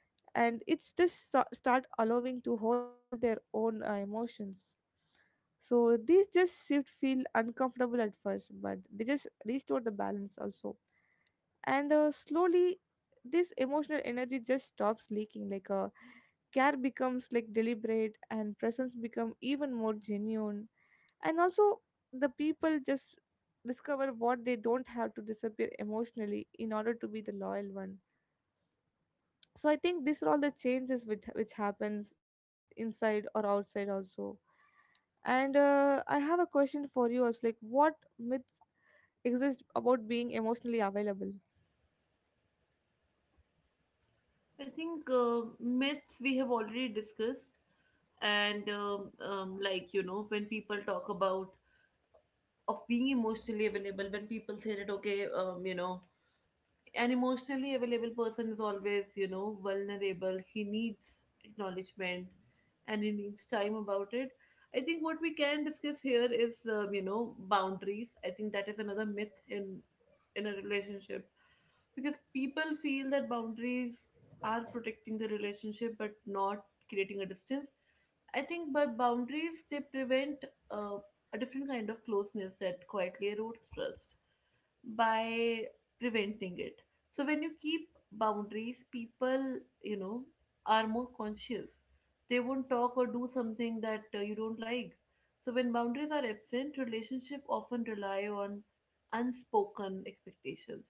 Speaker 2: And it's just so- start allowing to hold their own uh, emotions. So these just shift feel uncomfortable at first, but they just restore the balance also. And uh, slowly this emotional energy just stops leaking, like uh, care becomes like deliberate and presence become even more genuine. And also the people just discover what they don't have to disappear emotionally in order to be the loyal one. So I think these are all the changes which, which happens inside or outside also. And uh, i have a question for you also, like what myths exist about being emotionally available.
Speaker 1: I think uh, myths we have already discussed, and um, um, like you know, when people talk about of being emotionally available, when people say that okay, um, you know, an emotionally available person is always you know vulnerable, he needs acknowledgement and he needs time about it. I think what we can discuss here is um, you know boundaries. I think that is another myth in in a relationship, because people feel that boundaries are protecting the relationship but not creating a distance. I think by boundaries they prevent uh, a different kind of closeness that quietly erodes trust by preventing it. So when you keep boundaries, people, you know, are more conscious. They won't talk or do something that uh, you don't like. So when boundaries are absent, relationship often rely on unspoken expectations,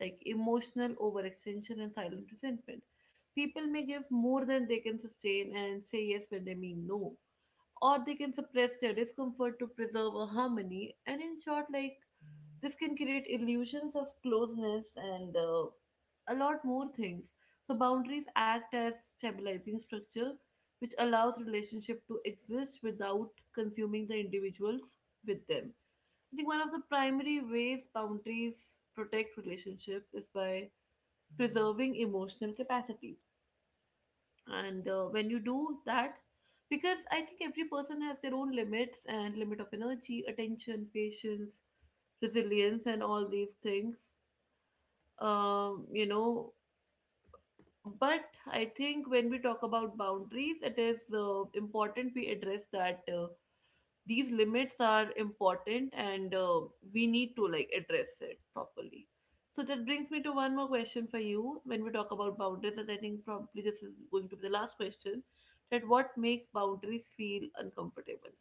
Speaker 1: like emotional overextension and silent resentment. People may give more than they can sustain and say yes when they mean no, or they can suppress their discomfort to preserve a harmony. And in short, like, this can create illusions of closeness and uh, a lot more things. So boundaries act as stabilizing structure, which allows relationship to exist without consuming the individuals with them. I think one of the primary ways boundaries protect relationships is by preserving emotional capacity. And uh, when you do that, because I think every person has their own limits and limit of energy, attention, patience, resilience, and all these things, um, you know but I think when we talk about boundaries, it is uh, important we address that uh, these limits are important, and uh, we need to like address it properly. So that brings me to one more question for you. When we talk about boundaries, and I think probably this is going to be the last question, that what makes boundaries feel uncomfortable?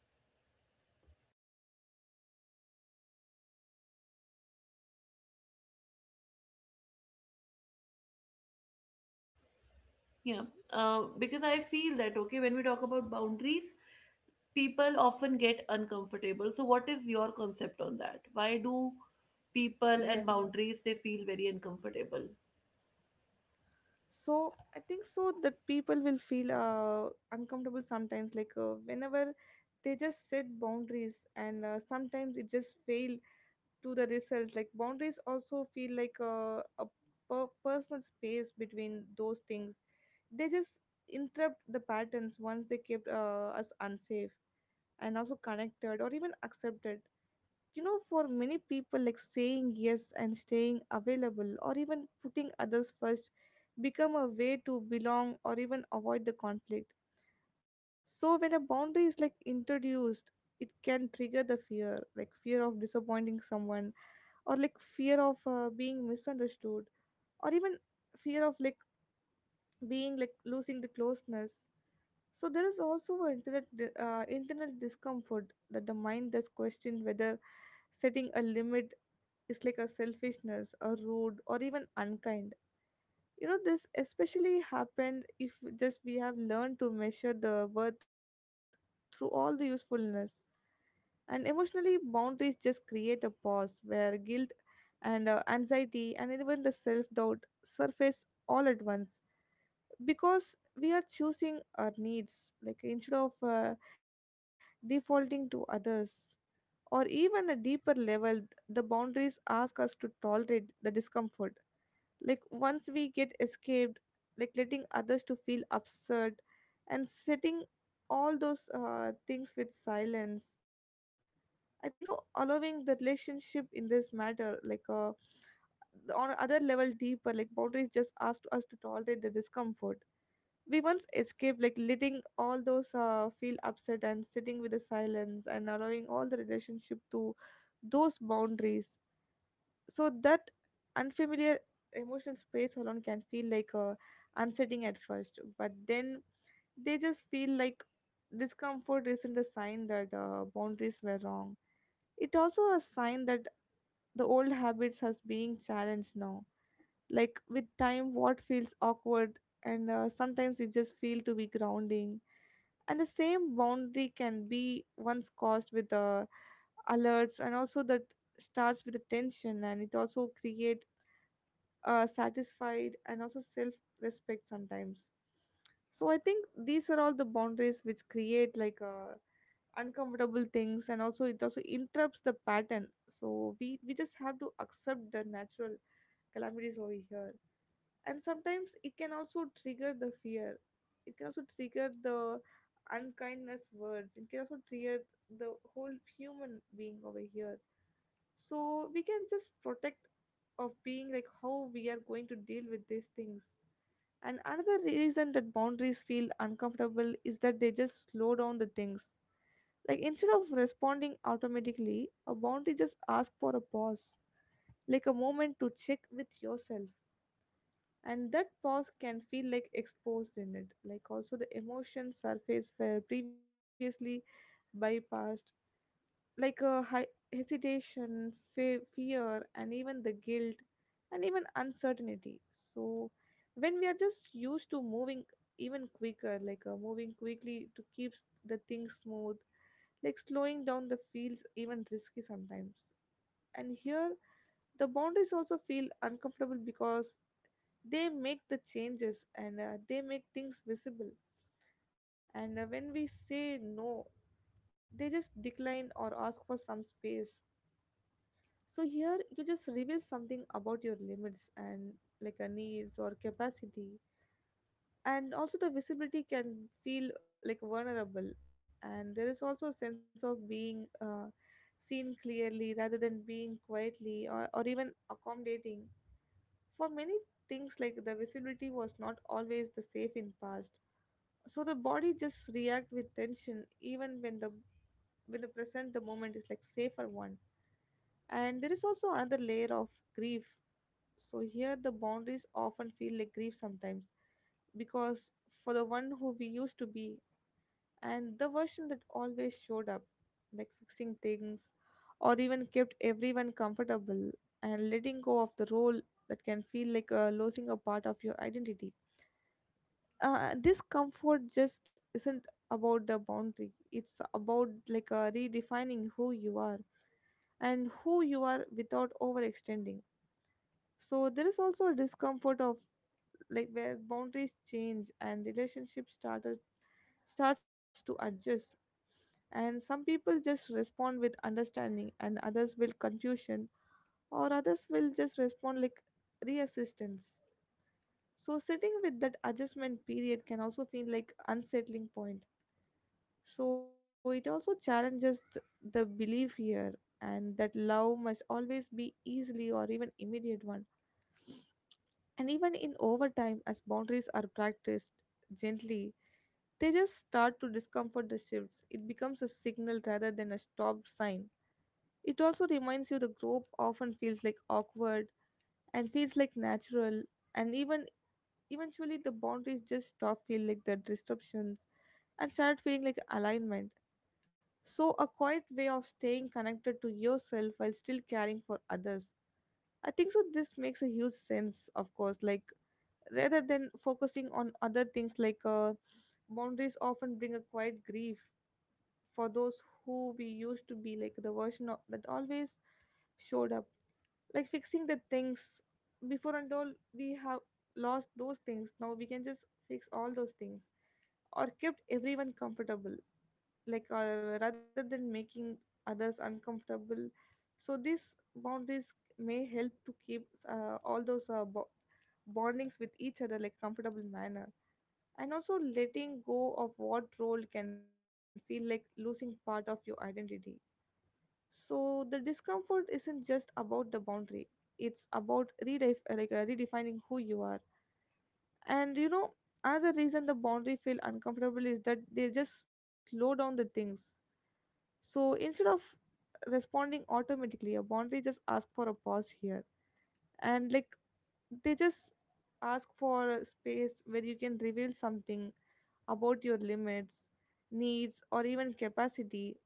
Speaker 1: Yeah, uh, because I feel that okay, when we talk about boundaries, people often get uncomfortable. So, what is your concept on that? Why do people
Speaker 2: Yes.
Speaker 1: and boundaries, they feel very uncomfortable?
Speaker 2: So I think so that people will feel uh, uncomfortable sometimes, like uh, whenever they just set boundaries, and uh, sometimes it just fail to the results, like boundaries also feel like a, a per- personal space between those things. They just interrupt the patterns once they kept uh, us unsafe and also connected or even accepted. You know, for many people like saying yes and staying available or even putting others first become a way to belong or even avoid the conflict. So when a boundary is like introduced, it can trigger the fear, like fear of disappointing someone, or like fear of uh, being misunderstood, or even fear of like being like losing the closeness. So there is also an internet, di- uh, internal discomfort that the mind does question whether setting a limit is like a selfishness, or rude, or even unkind. You know, this especially happened if just we have learned to measure the worth through all the usefulness. And emotionally boundaries just create a pause where guilt and uh, anxiety and even the self-doubt surface all at once, because we are choosing our needs like instead of uh, defaulting to others. Or even a deeper level, the boundaries ask us to tolerate the discomfort, like once we get escaped, like letting others to feel absurd and setting all those uh, things with silence. I think so, allowing the relationship in this matter like uh, the- on other level deeper, like boundaries just ask us to tolerate the discomfort we once escaped, like letting all those uh, feel upset and sitting with the silence and allowing all the relationship to those boundaries. So that unfamiliar emotional space alone can feel like uh, unsettling at first, but then they just feel like discomfort isn't a sign that uh, boundaries were wrong. It also a sign that the old habits has being challenged now. Like with time, what feels awkward and uh, sometimes it just feel to be grounding. And the same boundary can be once caused with uh, alerts, and also that starts with the tension and it also create uh, satisfied and also self respect sometimes. So I think these are all the boundaries which create like uh, uncomfortable things, and also it also interrupts the pattern. So we we just have to accept the natural calamities over here. And sometimes it can also trigger the fear, it can also trigger the unkindness words, it can also trigger the whole human being over here. So we can just protect of being like how we are going to deal with these things. And another reason that boundaries feel uncomfortable is that they just slow down the things, like instead of responding automatically, a boundary just asks for a pause, like a moment to check with yourself. And that pause can feel like exposed in it, like also the emotions surface were previously bypassed, like a hi- hesitation, fe- fear, and even the guilt, and even uncertainty. So, when we are just used to moving even quicker, like uh, moving quickly to keep s- the things smooth, like slowing down the feels even risky sometimes. And here, the boundaries also feel uncomfortable because they make the changes, and uh, they make things visible. And uh, when we say no, they just decline or ask for some space. So here you just reveal something about your limits and like a needs or capacity. And also the visibility can feel like vulnerable, and there is also a sense of being uh, seen clearly rather than being quietly or, or even accommodating for many things, like the visibility was not always the safe in past. So the body just react with tension even when the when the present the moment is like safer one. And there is also another layer of grief. So here the boundaries often feel like grief sometimes, because for the one who we used to be, and the version that always showed up, like fixing things or even kept everyone comfortable, and letting go of the role that can feel like uh, losing a part of your identity. Uh, discomfort just isn't about the boundary, it's about like uh, redefining who you are and who you are without overextending. So there is also a discomfort of like where boundaries change and relationships started starts to adjust. And some people just respond with understanding, and others will confusion, or others will just respond like reassistance. So sitting with that adjustment period can also feel like unsettling point. So it also challenges th- the belief here, and that love must always be easily or even immediate one. And even in overtime, as boundaries are practiced gently, they just start to discomfort the shifts. It becomes a signal rather than a stop sign. It also reminds you the group often feels like awkward and feels like natural, and even eventually the boundaries just stop feeling like the disruptions and start feeling like alignment. So, a quiet way of staying connected to yourself while still caring for others. I think so. This makes a huge sense, of course, like rather than focusing on other things like uh, boundaries often bring a quiet grief for those who we used to be, like the version of, that always showed up, like fixing the things before. And all we have lost those things, now we can just fix all those things, or kept everyone comfortable, like uh, rather than making others uncomfortable. So these boundaries may help to keep uh, all those uh, bo- bondings with each other like comfortable manner. And also letting go of what role can feel like losing part of your identity. So the discomfort isn't just about the boundary; it's about redef- like uh, redefining who you are. And you know, another reason the boundary feel uncomfortable is that they just slow down the things. So instead of responding automatically, a boundary just ask for a pause here, and like they just ask for a space where you can reveal something about your limits, needs, or even capacity.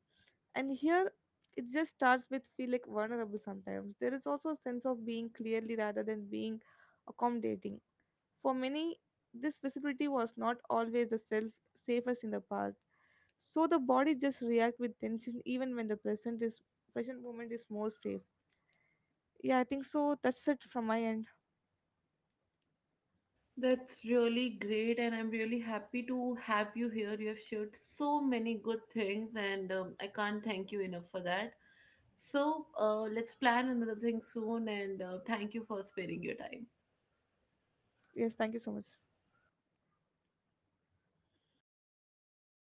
Speaker 2: And here it just starts with feel like vulnerable sometimes. There is also a sense of being clearly rather than being accommodating. For many, this visibility was not always the self safest in the past. So the body just react with tension even when the present is present moment is more safe. Yeah, I think so. That's it from my end.
Speaker 1: That's really great, and I'm really happy to have you here. You have shared so many good things, and um, I can't thank you enough for that. So, uh, let's plan another thing soon, and uh, thank you for sparing your time.
Speaker 2: Yes, thank you so much.